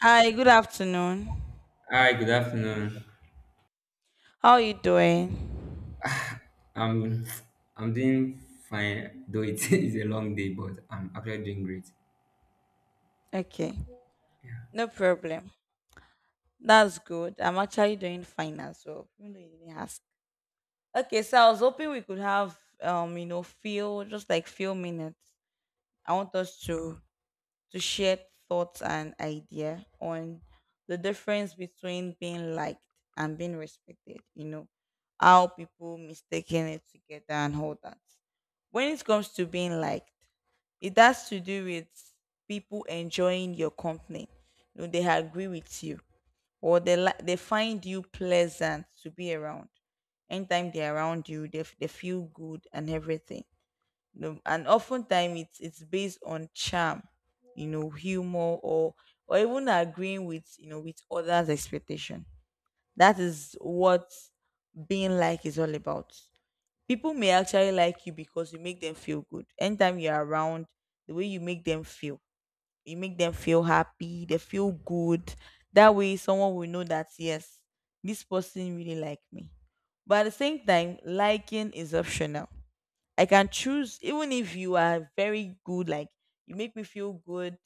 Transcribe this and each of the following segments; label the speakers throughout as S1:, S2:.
S1: Hi, good afternoon.
S2: Hi, good afternoon.
S1: How are you doing?
S2: I'm I'm doing fine, though it is a long day, but I'm actually doing great.
S1: Okay,
S2: Yeah.
S1: no problem. That's good. I'm actually doing fine as well. Even though you didn't ask. Okay, so I was hoping we could have feel just like few minutes. I want us to share thoughts and idea on the difference between being liked and being respected, how people mistaken it together and all that. When it comes to being liked, it has to do with people enjoying your company. They agree with you or they find you pleasant to be around. Anytime they're around you, they feel good and everything no, and oftentimes it's based on charm, humor or even agreeing with with others' expectation. That is what being like is all about. People may actually like you because you make them feel good. Anytime you're around, the way you make them feel, you make them feel happy, they feel good. That way someone will know that yes, this person really like me. But at the same time, liking is optional. I can choose even if you are very good, like you make me feel good,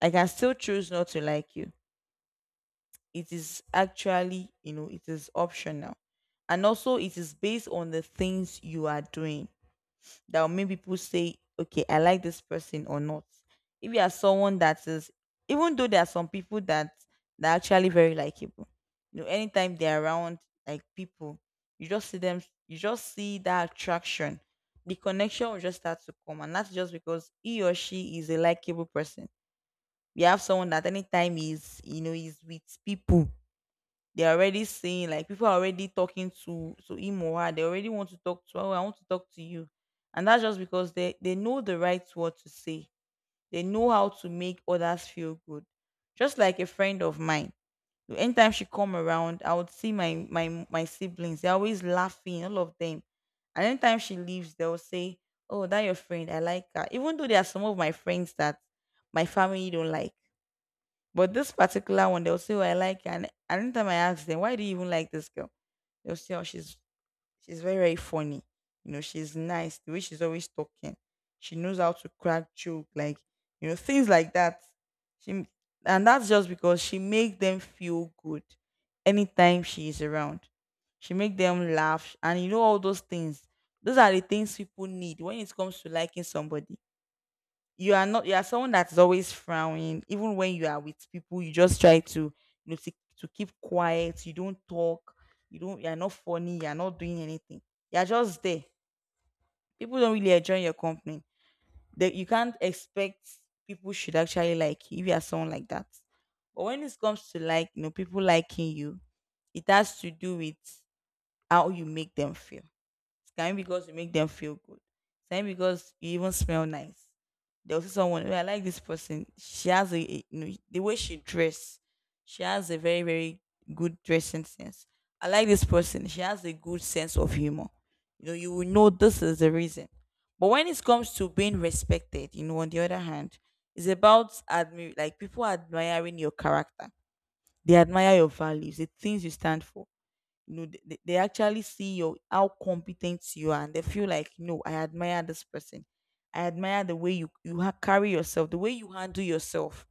S1: I can still choose not to like you. It is actually, it is optional. And also it is based on the things you are doing that will make people say, okay, I like this person or not. If you are someone that is, even though there are some people that are actually very likable, anytime they're around like people, you just see them, you just see that attraction. The connection will just start to come, and that's just because he or she is a likable person. We have someone that anytime he's, he's with people they're already saying like people are already talking to him or her. They already want to talk to. Oh, I want to talk to you, and that's just because they know the right word to say. They know how to make others feel good. Just like a friend of mine, anytime she come around, I would see my siblings. They're always laughing, all of them. And anytime she leaves, they'll say, "Oh, that your friend. I like her." Even though there are some of my friends that my family don't like. But this particular one, they'll say, "Oh, I like." her." And anytime I ask them, "Why do you even like this girl?" They'll say, "Oh, she's very very funny. You know, she's nice. The way she's always talking, she knows how to crack joke, like things like that." She and that's just because she make them feel good anytime she is around. She make them laugh, and all those things. Those are the things people need when it comes to liking somebody. You are not, you are someone that's always frowning even when you are with people. You just try to, you know to, to keep quiet. You don't talk, you don't, you're not funny, you're not doing anything, you're just there. People don't really enjoy your company, that you can't expect people should actually like you if you are someone like that. But when it comes to like, people liking you, it has to do with how you make them feel. It can be because you make them feel good. It can because you even smell nice. There was someone, "Oh, I like this person. She has the way she dress. She has a very, very good dressing sense. I like this person. She has a good sense of humor. You will know this is the reason. But when it comes to being respected, on the other hand, it's about like people admiring your character. They admire your values, the things you stand for no, they actually see your how competent you are, and they feel like, no, I admire this person. I admire the way you carry yourself, the way you handle yourself.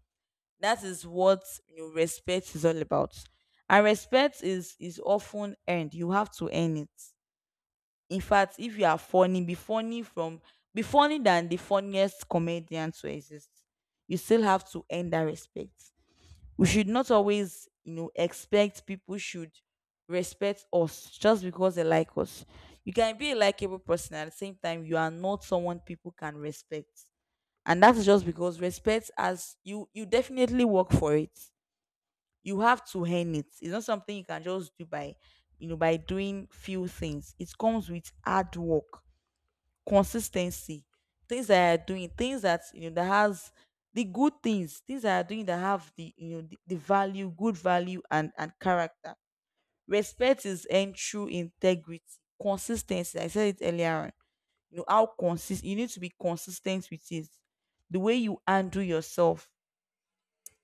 S1: That is what, respect is all about. And respect is often earned. You have to earn it. In fact, if you are funny, be funny than the funniest comedian to exist. You still have to earn that respect. We should not always expect people should respect us just because they like us. You can be a likable person and at the same time you are not someone people can respect, and that's just because respect as you definitely work for it. You have to earn it. It's not something you can just do by by doing few things. It comes with hard work, consistency, things that you are doing, things that you know that has the good things, things that are doing that have the you know the value, good value and character. Respect is earned through integrity, consistency. I said it earlier on. You know how consist you need to be consistent with it. The way you handle yourself.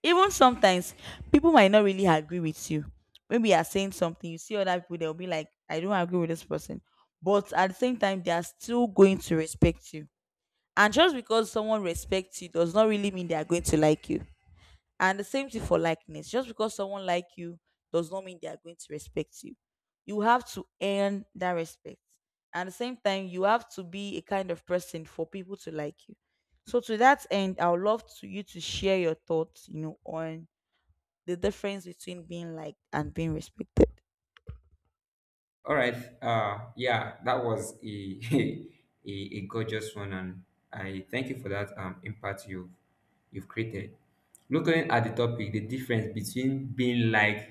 S1: Even sometimes people might not really agree with you. Maybe you are saying something, you see other people, they'll be like, I don't agree with this person. But at the same time, they are still going to respect you, and just because someone respects you does not really mean they are going to like you. And the same thing for likeness. Just because someone like you does not mean they are going to respect you. You have to earn that respect. At the same time, you have to be a kind of person for people to like you. So to that end, I would love to you to share your thoughts, on the difference between being liked and being respected.
S2: All right. Yeah, that was a a, a gorgeous one, and I thank you for that impact you've created. Looking at the topic, the difference between being liked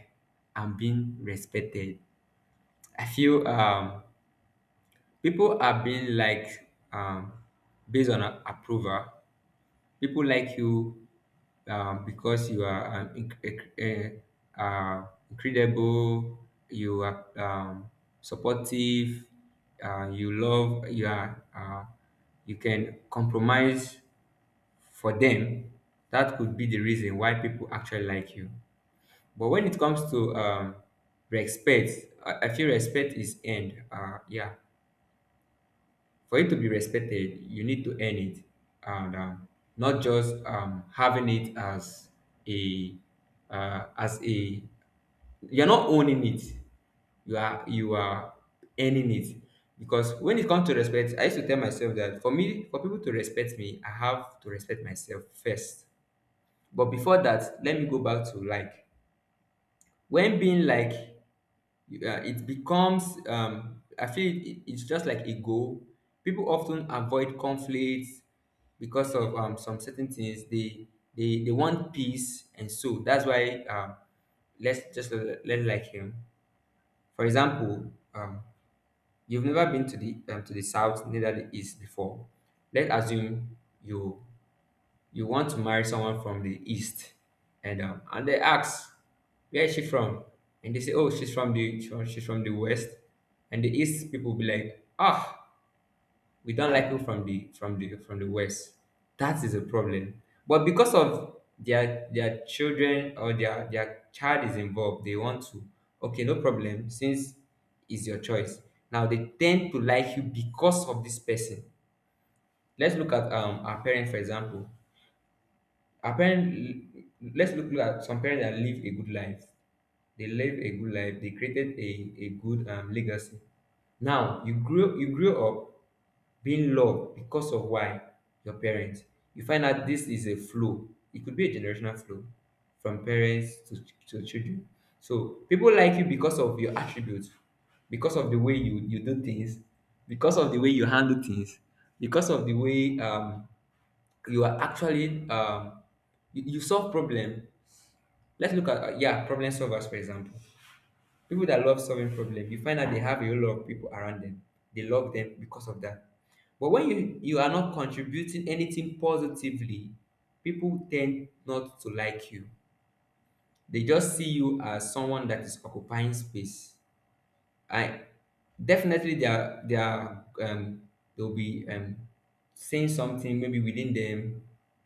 S2: and being respected. I feel people are being liked um based on approval. People like you, because you are an inc- eh, eh, uh, incredible, you are, supportive, you love, you you can compromise for them. That could be the reason why people actually like you. But when it comes to, respect, I feel respect is end. Yeah, for it to be respected you need to earn it and, not just having it as a uh, as a you're not owning it, you are earning it. Because when it comes to respect, I used to tell myself that for me, for people to respect me, I have to respect myself first. But before that, let me go back to like when being like, it becomes I feel it's just like ego. People often avoid conflicts because of some certain things they they want peace, and so that's why, let's just let like him. For example, you've never been to the, to the south neither the east before. Let's assume you, you want to marry someone from the east, and, and they ask, where is she from? And they say, oh, she's from the west. And the east people be like, ah, we don't like people from the west. That is a problem. But because of their children, or their child is involved, they want to, okay, no problem, since it's your choice. Now they tend to like you because of this person. Let's look at, our parents for example. Apparently, let's look at some parents that live a good life. They live a good life, they created a good, legacy. Now you grew, you grew up being loved because of why? Your parents. You find out this is a flow. It could be a generational flow from parents to children. So people like you because of your attributes, because of the way you, you do things, because of the way you handle things, because of the way, you are actually, you, you solve problem. Let's look at, problem solvers for example. People that love solving problem, you find out they have a whole lot of people around them. They love them because of that. But when you are not contributing anything positively, people tend not to like you. They just see you as someone that is occupying space. I definitely, they are, they'll be, saying something maybe within them,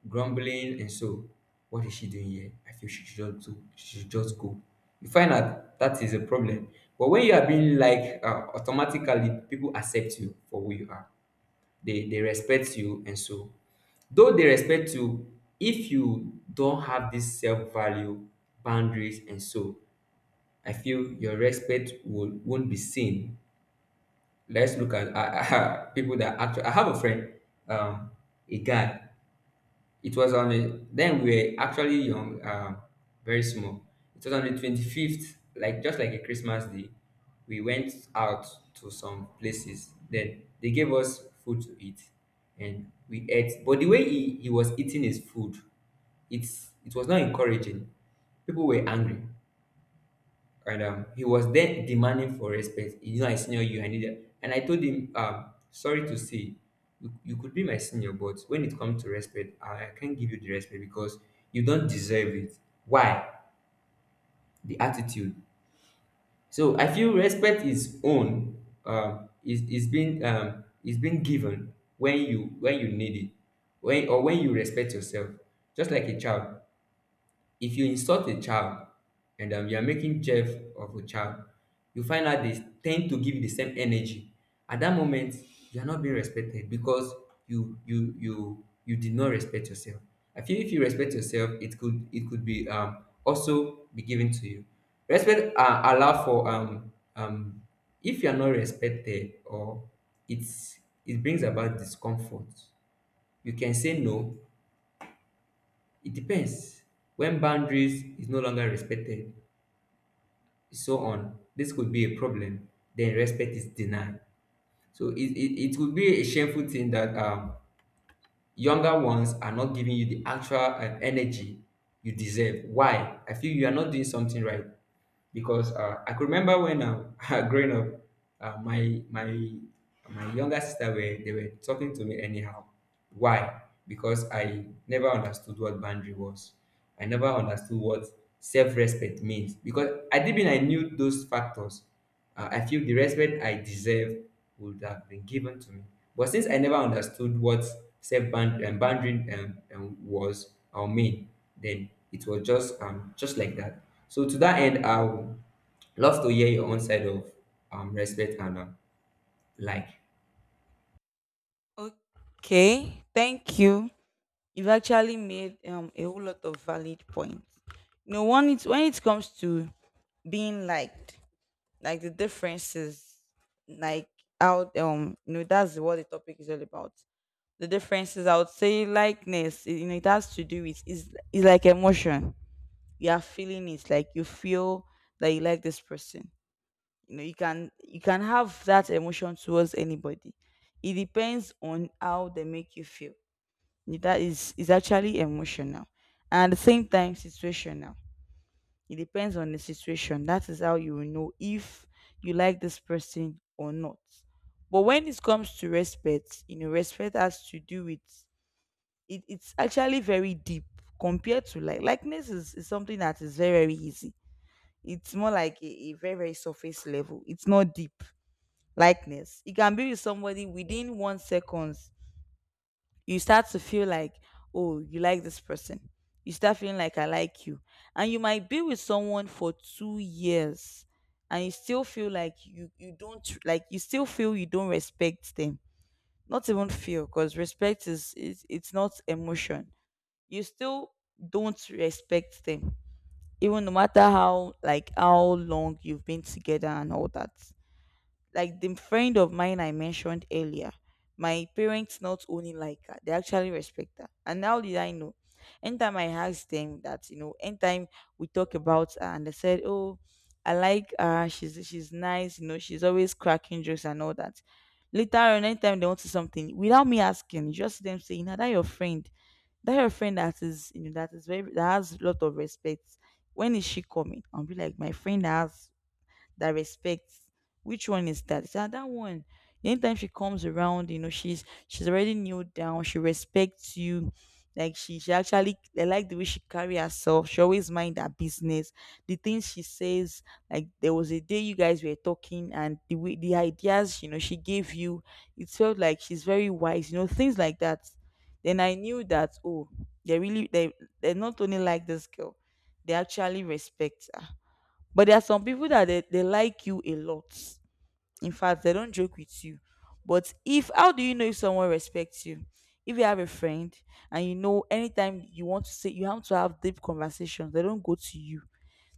S2: grumbling and so. What is she doing here? I feel she should just do, she should just go. You find out that is a problem. But when you are being like, automatically people accept you for who you are. They respect you, and so though they respect you, if you don't have this self-value, boundaries and so, I feel your respect will won't be seen. Let's look at, people that actually, I have a friend, um, a guy. It was on a, then we were actually young, very small. It was on the 25th, like just like a Christmas day. We went out to some places. Then they gave us food to eat, and we ate. But the way he was eating his food, it was not encouraging. People were angry, and, he was then demanding for respect. You know, I senior you, I need that. And I told him, sorry to say, you could be my senior, but when it comes to respect, I can't give you the respect because you don't deserve it. Why? The attitude. So I feel respect is own, is being, is being given when you need it, when or when you respect yourself. Just like a child, if you insult a child, and, you are making jeff of a child, you find out they tend to give you the same energy. At that moment, you are not being respected because you did not respect yourself. I feel if you respect yourself, it could, be also be given to you. Respect, allow for if you are not respected, or it's, it brings about discomfort. You can say no. It depends. When boundaries is no longer respected, so on, this could be a problem. Then respect is denied. So it would be a shameful thing that, younger ones are not giving you the actual, energy you deserve. Why? I feel you are not doing something right, because, I could remember when, growing up, uh, my my my younger sister were, they were talking to me anyhow. Why? Because I never understood what boundary was. I never understood what self-respect means because I didn't I knew those factors. I feel the respect I deserve would have been given to me. But since I never understood what self bound and boundary, was or mean, then it was just, just like that. So to that end, I would love to hear your own side of, respect and, like.
S1: Okay, thank you. You've actually made a whole lot of valid points. When it comes to being liked, like the differences, like how that's what the topic is all about. The differences, I would say likeness, it has to do with, is like emotion. You are feeling it, like you feel that you like this person. You know you can have that emotion towards anybody. It depends on how they make you feel. That is actually emotional and at the same time situational. It depends on the situation. That is how you will know if you like this person or not. But when it comes to respect, respect has to do with it's actually very deep compared to like likeness is something that is very, very easy. It's more like a very, very surface level. It's not deep. Likeness. It can be with somebody within 1 seconds. You start to feel like, oh, you like this person. You start feeling like I like you. And you might be with someone for 2 years and you still feel like you don't like, you still feel you don't respect them. Not even feel, because respect is it's not emotion. You still don't respect them. Even no matter how long you've been together and all that, like the friend of mine I mentioned earlier, my parents not only like her, they actually respect her. And how did I know? Anytime I asked them that, anytime we talk about her and they said, "Oh, I like her, she's nice, she's always cracking jokes and all that." Later on, anytime they want to see something, without me asking, just them saying, "Now that your friend, that is, that is very that has a lot of respect. When is she coming?" I'll be like, "My friend has that respects. Which one is that? Is that? So that one. Anytime she comes around, she's already kneeled down. She respects you. Like she actually I like the way she carry herself. She always mind her business. The things she says, like there was a day you guys were talking and the way the ideas, she gave you, it felt like she's very wise, things like that." Then I knew that oh, they really they they're not only like this girl, they actually respect her. But there are some people that they like you a lot. In fact, they don't joke with you. But if how do you know if someone respects you? If you have a friend and anytime you want to say you have to have deep conversations, they don't go to you.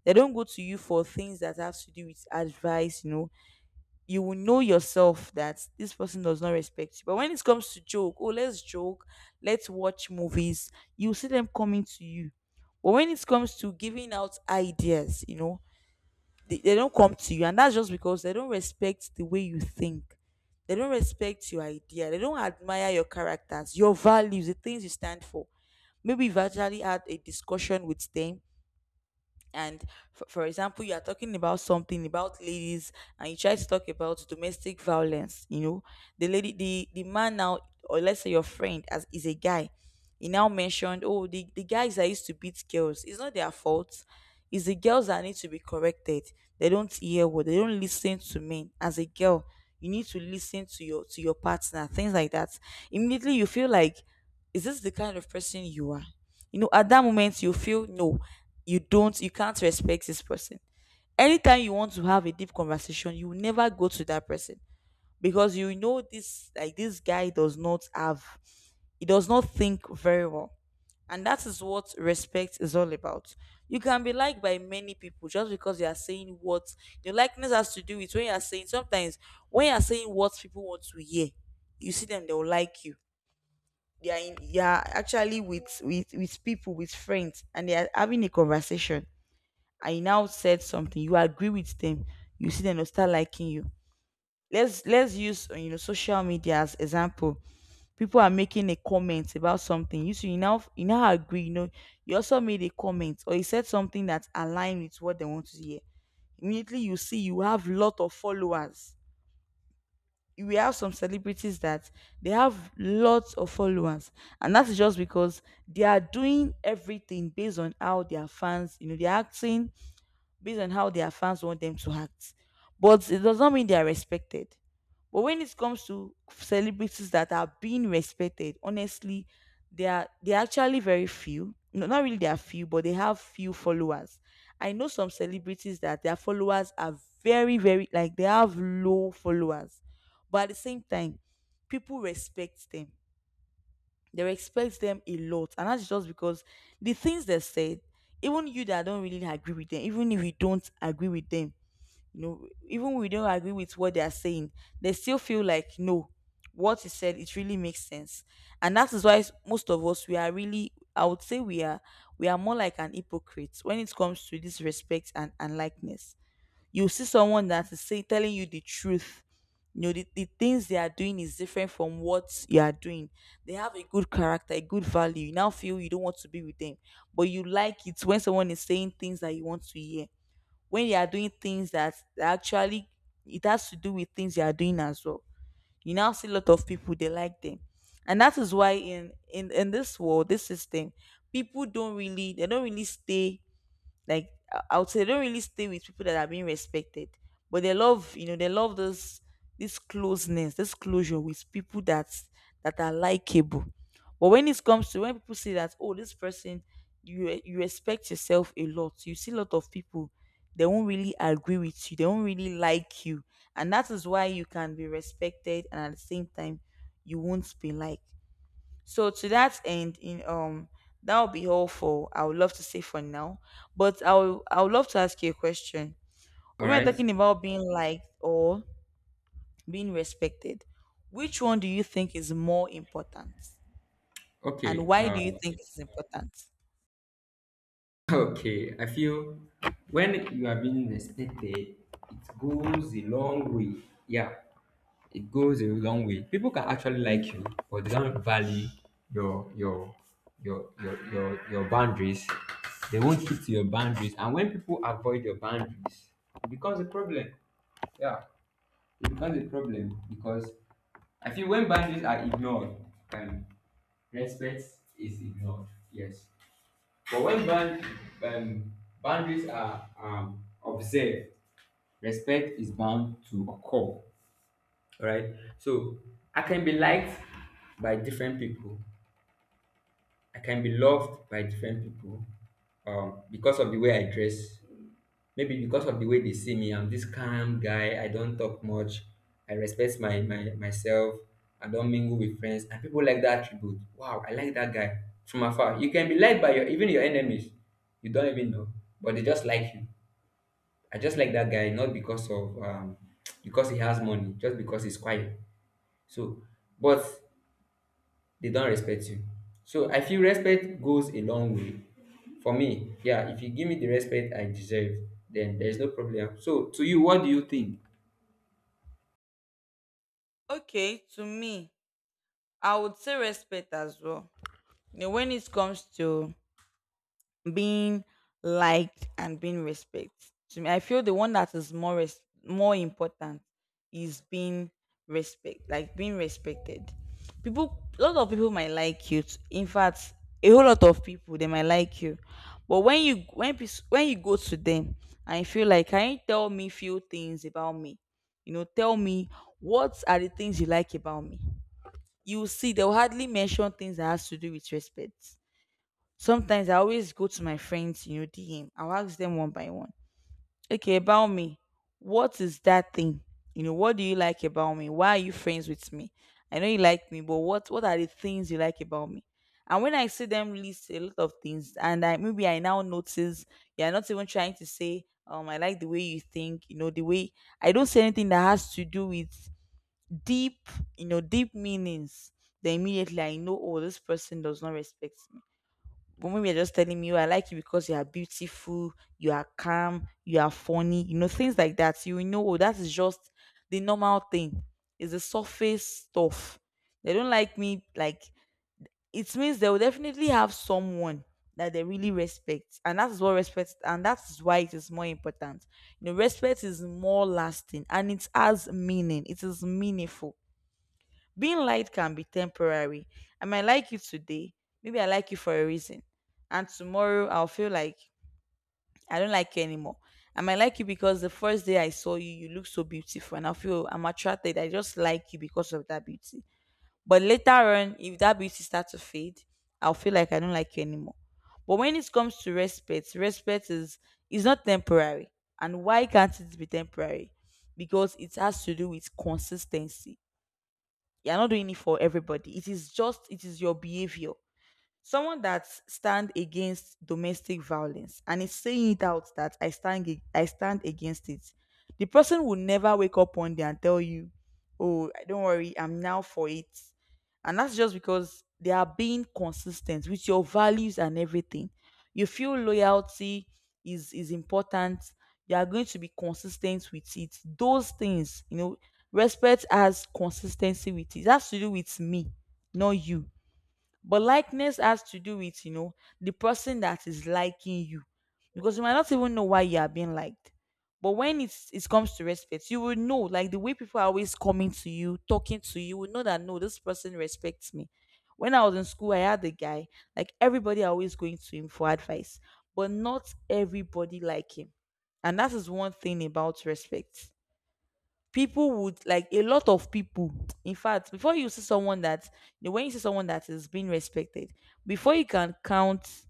S1: They don't go to you for things that have to do with advice. You will know yourself that this person does not respect you. But when it comes to joke, oh, let's joke, let's watch movies, you see them coming to you. But when it comes to giving out ideas, you know, they don't come to you, and that's just because they don't respect the way you think, they don't respect your idea, they don't admire your characters, your values, the things you stand for. Maybe you've actually had a discussion with them, and for example, you are talking about something about ladies and you try to talk about domestic violence, you know, the lady, the man now, or let's say your friend as is a guy, he now mentioned, oh, the guys that used to beat girls, it's not their fault, it's the girls that need to be corrected, they don't hear what, they don't listen to men. As a girl, you need to listen to your, to your partner, things like that. Immediately you feel like, is this the kind of person you are? You know, at that moment you feel, no, you don't, you can't respect this person. Anytime you want to have a deep conversation, you will never go to that person because you know this, like, this guy does not have, he does not think very well. And that is what respect is all about. You can be liked by many people just because you are saying what, your likeness has to do with when you are saying, sometimes when you are saying what people want to hear, you see them, they will like you. They are in, you are actually with with people, with friends, and they are having a conversation, I now said something, you agree with them, you see them, they start liking you. Let's use you know, social media as example. People are making a comment about something, you see, you now agree, you know, you also made a comment or you said something that aligned with what they want to hear, immediately you see you have lot of followers. We have some celebrities that they have lots of followers, and that is just because they are doing everything based on how their fans, you know, they're acting based on how their fans want them to act. But it does not mean they are respected. But when it comes to celebrities that are being respected, honestly, they are actually very few. No, not really they are few, but they have few followers. I know some celebrities that their followers are very, very, like, they have low followers. But at the same time, people respect them, they respect them a lot, and that's just because the things they said, even you that don't really agree with them, even if you don't agree with them, you know, even we don't agree with what they are saying, they still feel like, no, what he said it really makes sense. And that is why most of us, we are really, I would say, we are, we are more like an hypocrite when it comes to this respect and likeness. You see someone that is, say, telling you the truth. You know, the things they are doing is different from what you are doing. They have a good character, a good value. You now feel you don't want to be with them, but you like it when someone is saying things that you want to hear. When they are doing things that actually it has to do with things they are doing as well. You now see a lot of people, they like them. And that is why in in this world, this system, people don't really stay, like, I would say they don't really stay with people that are being respected, but they love, you know, they love this, this closeness, this closure with people that are likable. But when it comes to when people say that, oh, this person, you respect yourself a lot, you see a lot of people, they won't really agree with you, they won't really like you. And that is why you can be respected and at the same time you won't be liked. So to that end, in that'll be all for, I would love to say, for now. But I would love to ask you a question.
S2: All
S1: When we're
S2: right.
S1: talking about being liked or being respected, which one do you think is more important?
S2: Okay.
S1: And why do you think it's important?
S2: Okay. I feel when you are being respected, it goes a long way. Yeah. It goes a long way. People can actually like you, but they don't value your your your boundaries. They won't keep to your boundaries, and when people avoid your boundaries, it becomes a problem. Yeah, it becomes a problem because I feel when boundaries are ignored, um, respect is ignored. Yes, but when bound, um, boundaries are, observed, respect is bound to occur. All right. So I can be liked by different people. I can be loved by different people, because of the way I dress. Maybe because of the way they see me. I'm this calm guy. I don't talk much. I respect my, my myself. I don't mingle with friends. And people like that attribute. Wow, I like that guy from afar. You can be liked by your even your enemies. You don't even know, but they just like you. I just like that guy not because of, because he has money, just because he's quiet. So, but they don't respect you. So I feel respect goes a long way. For me, yeah, if you give me the respect I deserve, then there's no problem. So to you, what do you think?
S1: Okay, to me, I would say respect as well. You know, when it comes to being liked and being respected, to me, I feel the one that is more more important is being respect, like being respected. People, a lot of people might like you. In fact, a whole lot of people, they might like you, but when you, when you go to them and you feel like, can you tell me few things about me? You know, tell me, what are the things you like about me? You will see, they will hardly mention things that has to do with respect. Sometimes I always go to my friends, you know, DM. I'll ask them one by one. Okay, about me. What is that thing? You know, what do you like about me? Why are you friends with me? I know you like me, but what are the things you like about me? And when I see them list a lot of things, and I, maybe I now notice you're not even trying to say, I like the way you think, you know, the way, I don't say anything that has to do with deep, you know, deep meanings. Then immediately I know, oh, this person does not respect me, but women are just telling me, "Oh, I like you because you are beautiful, you are calm, you are funny, you know, things like that." You will know, oh, that is just the normal thing. It's the surface stuff. They don't like me, like, it means they will definitely have someone that they really respect. And that is what respect, and that is why it is more important. You know, respect is more lasting and it has meaning. It is meaningful. Being light can be temporary. I might like you today. Maybe I like you for a reason. And tomorrow I'll feel like I don't like you anymore. I might like you because the first day I saw you, you look so beautiful, and I feel I'm attracted. I just like you because of that beauty. But later on, if that beauty starts to fade, I'll feel like I don't like you anymore. But when it comes to respect, respect is not temporary. And why can't it be temporary? Because it has to do with consistency. You're not doing it for everybody. It is just, it is your behavior. Someone that stand against domestic violence and is saying it out that I stand I stand against it, the person will never wake up one day and tell you, "Oh, don't worry, I'm now for it," and that's just because they are being consistent with your values and everything. You feel loyalty is important. You are going to be consistent with it. Those things, you know, respect has consistency with it. It has to do with me, not you, but likeness has to do with, you know, the person that is liking you, because you might not even know why you are being liked. But when it comes to respect, you will know, like the way people are always coming to you, talking to you, you will know that, no, this person respects me. When I was in school, I had a guy, like, everybody always going to him for advice, but not everybody like him. And that is one thing about respect. People would like a lot of people, in fact, before you see someone that, you know, when you see someone that is being respected, before you can count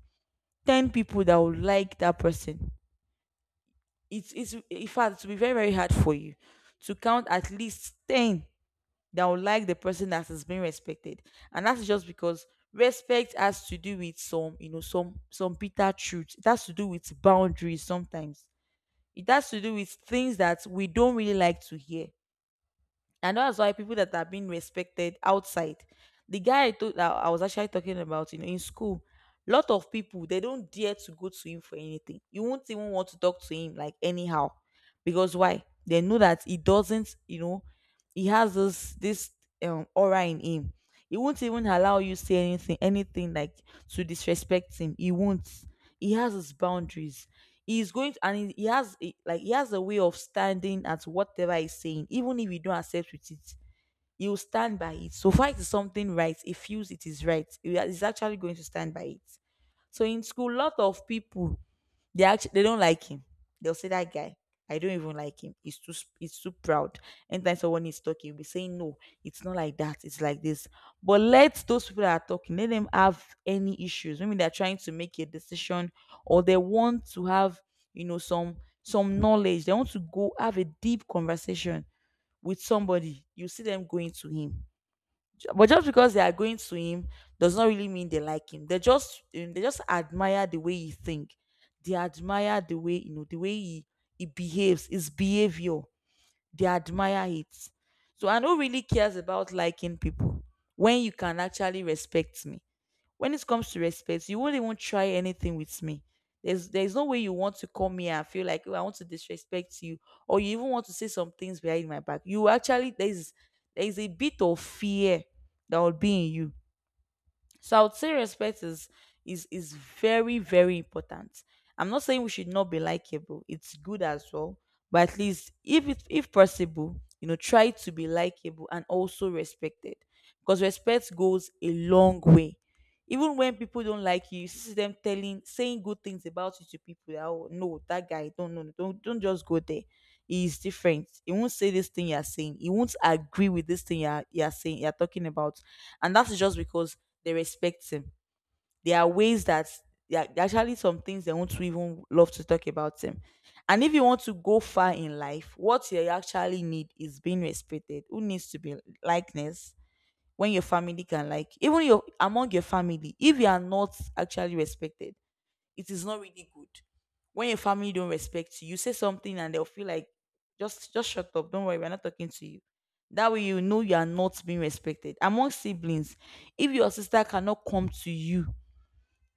S1: 10 people that would like that person, it's in fact it will be very, very hard for you to count at least 10 that would like the person that is being respected. And that's just because respect has to do with some, you know, some bitter truth, it has to do with boundaries sometimes, it has to do with things that we don't really like to hear. And that's why people that are being respected outside, the guy I told that I was actually talking about, you know, in school, lot of people they don't dare to go to him for anything, you won't even want to talk to him like anyhow, because why, they know that he doesn't, you know, he has this aura in him. He won't even allow you say anything like to disrespect him. He won't. He has his boundaries. He's going to, and he like he has a way of standing at whatever he's saying, even if you don't accept with it. He will stand by it. So far, it is something right. He feels it is right. He is actually going to stand by it. So in school, lot of people they don't like him. They'll say that guy. I don't even like him. He's he's too proud. Anytime someone is talking, you will be saying no. It's not like that. It's like this. But let those people that are talking let them have any issues. Maybe they're trying to make a decision or they want to have you know some knowledge. They want to go have a deep conversation with somebody. You see them going to him. But just because they are going to him does not really mean they like him. They just admire the way he think. They admire the way you know the way he behaves, his behavior. They admire it. So I know really cares about liking people when you can actually respect me. When it comes to respect, you won't even try anything with me. There's no way you want to come here and feel like, oh, I want to disrespect you, or you even want to say some things behind my back. You actually, there's a bit of fear that will be in you. So I would say respect is is very important. I'm not saying we should not be likable. It's good as well, but at least if it, if possible, you know, try to be likable and also respected, because respect goes a long way. Even when people don't like you see them telling saying good things about you to people. That, oh no, that guy, don't no, don't just go there. He is different. He won't say this thing you're saying. He won't agree with this thing you're saying you're talking about, and that is just because they respect him. There are ways that there are actually some things they want to even love to talk about him. And if you want to go far in life, what you actually need is being respected. Who needs to be likeness when your family can like, even your, among your family, if you are not actually respected, it is not really good. When your family don't respect you, you say something and they'll feel like just shut up. Don't worry, we're not talking to you. That way you know you are not being respected. Among siblings, if your sister cannot come to you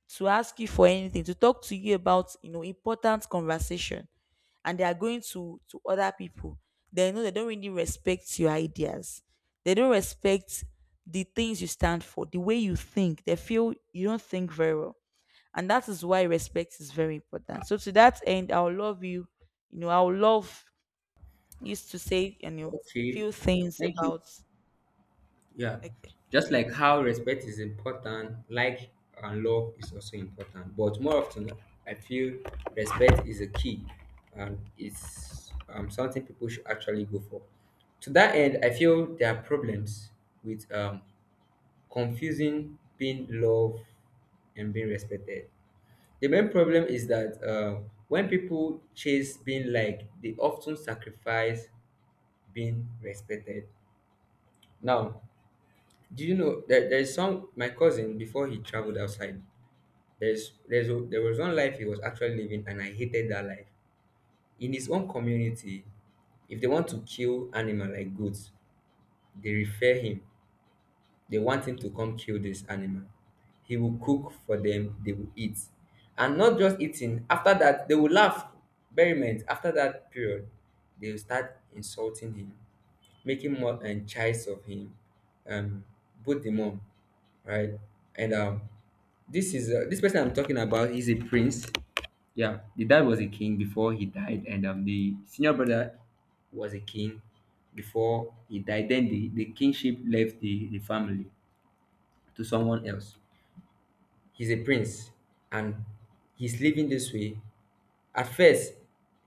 S1: to ask you for anything, to talk to you about, you know, important conversation, and they are going to other people, they know they don't really respect your ideas. They don't respect the things you stand for, the way you think. They feel you don't think very well, and that is why respect is very important. So to that end, I'll love you. You know, I'll love used to say, you know,
S2: Okay,
S1: few things
S2: thank you.
S1: about
S2: Yeah,
S1: okay.
S2: just
S1: Thank
S2: like
S1: you.
S2: how respect is important, like, and love is also important. But more often, I feel respect is a key, and it's, something people should actually go for. To that end, I feel there are problems with, confusing, being loved, and being respected. The main problem is that, when people chase being liked, they often sacrifice being respected. Now, do you know that there is some, my cousin before he traveled outside? There was one life he was actually living, and I hated that life. In his own community, if they want to kill animal like goats, they refer him. They want him to come kill this animal. He will cook for them, they will eat. And not just eating, after that, they will laugh. Merriment, after that period, they will start insulting him, making more and chides of him, um, both the mom, right? And, this is, this person I'm talking about is a prince. Yeah, the dad was a king before he died, and, the senior brother was a king before he died. Then the kingship left the family to someone else. He's a prince, and he's living this way. At first,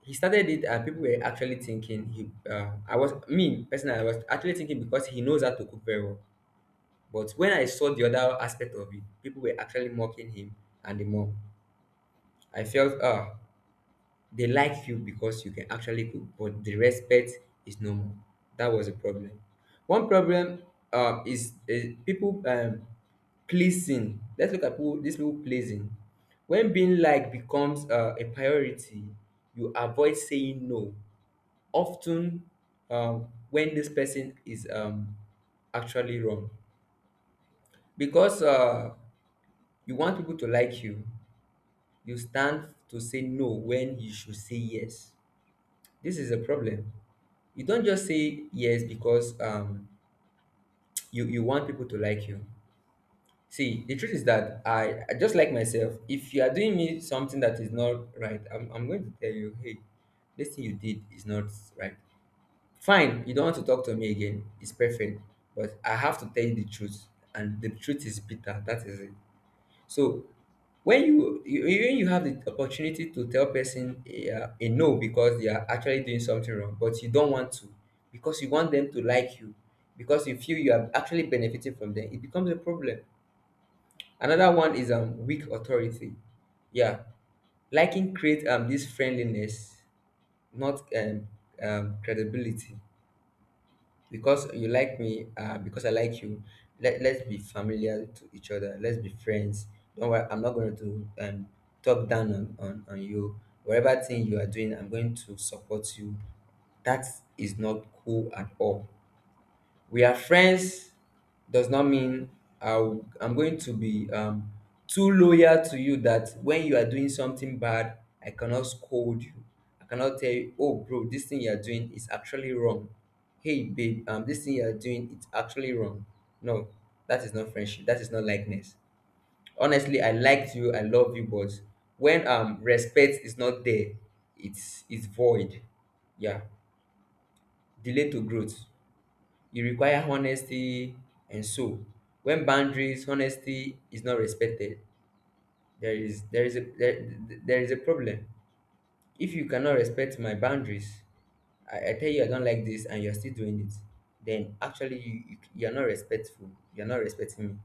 S2: he started it, and people were actually thinking he, I was, me personally, I was actually thinking because he knows how to cook very well. But when I saw the other aspect of it, people were actually mocking him and the more. I felt, ah, they like you because you can actually cook, but the respect is no more. That was a problem. One problem, is people, pleasing. Let's look at people, these people pleasing. When being liked becomes, a priority, you avoid saying no. Often, when this person is, actually wrong, because, you want people to like you stand to say no when you should say yes. This is a problem. You don't just say yes because, you want people to like you. See, the truth is that, I just like myself. If you are doing me something that is not right, I'm going to tell you, hey, this thing you did is not right. Fine, you don't want to talk to me again. It's perfect. But I have to tell you the truth. And the truth is bitter. That is it. So when you when you have the opportunity to tell person a no because they are actually doing something wrong, but you don't want to because you want them to like you, because you feel you are actually benefiting from them, it becomes a problem. Another one is, weak authority. Yeah, liking create, this friendliness, not, credibility. Because you like me, because I like you, let's be familiar to each other, let's be friends. Don't worry, I'm not going to, talk down on you. Whatever thing you are doing, I'm going to support you. That is not cool at all. We are friends does not mean I'm going to be, too loyal to you that when you are doing something bad, I cannot scold you. I cannot tell you, oh, bro, this thing you are doing is actually wrong. Hey, babe, this thing you are doing, it's actually wrong. No, that is not friendship. That is not likeness. Honestly, I liked you. I love you, but when, respect is not there, it's void. Yeah, delay to growth e require honesty, and so when boundaries honesty is not respected, there is there is a there, there is a problem. If you cannot respect my boundaries, I tell you I don't like this, and you're still doing it, then actually you, you're not respectful, you're not respecting me,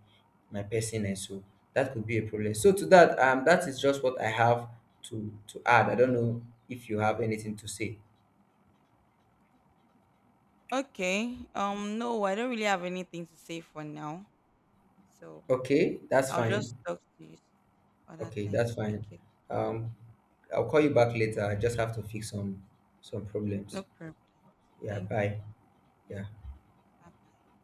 S2: my person, and so that could be a problem. So to that, that is just what I have to add. I don't know if you have anything to say.
S1: Okay. No, I don't really have anything to say for now. So
S2: Okay, that's
S1: I'll just
S2: fine.
S1: talk to you other
S2: Okay,
S1: time.
S2: that's fine.
S1: Okay.
S2: Um, I'll call you back later. I just have to fix some problems.
S1: No problem.
S2: Yeah,
S1: Thank
S2: bye.
S1: you.
S2: Yeah.
S1: Bye.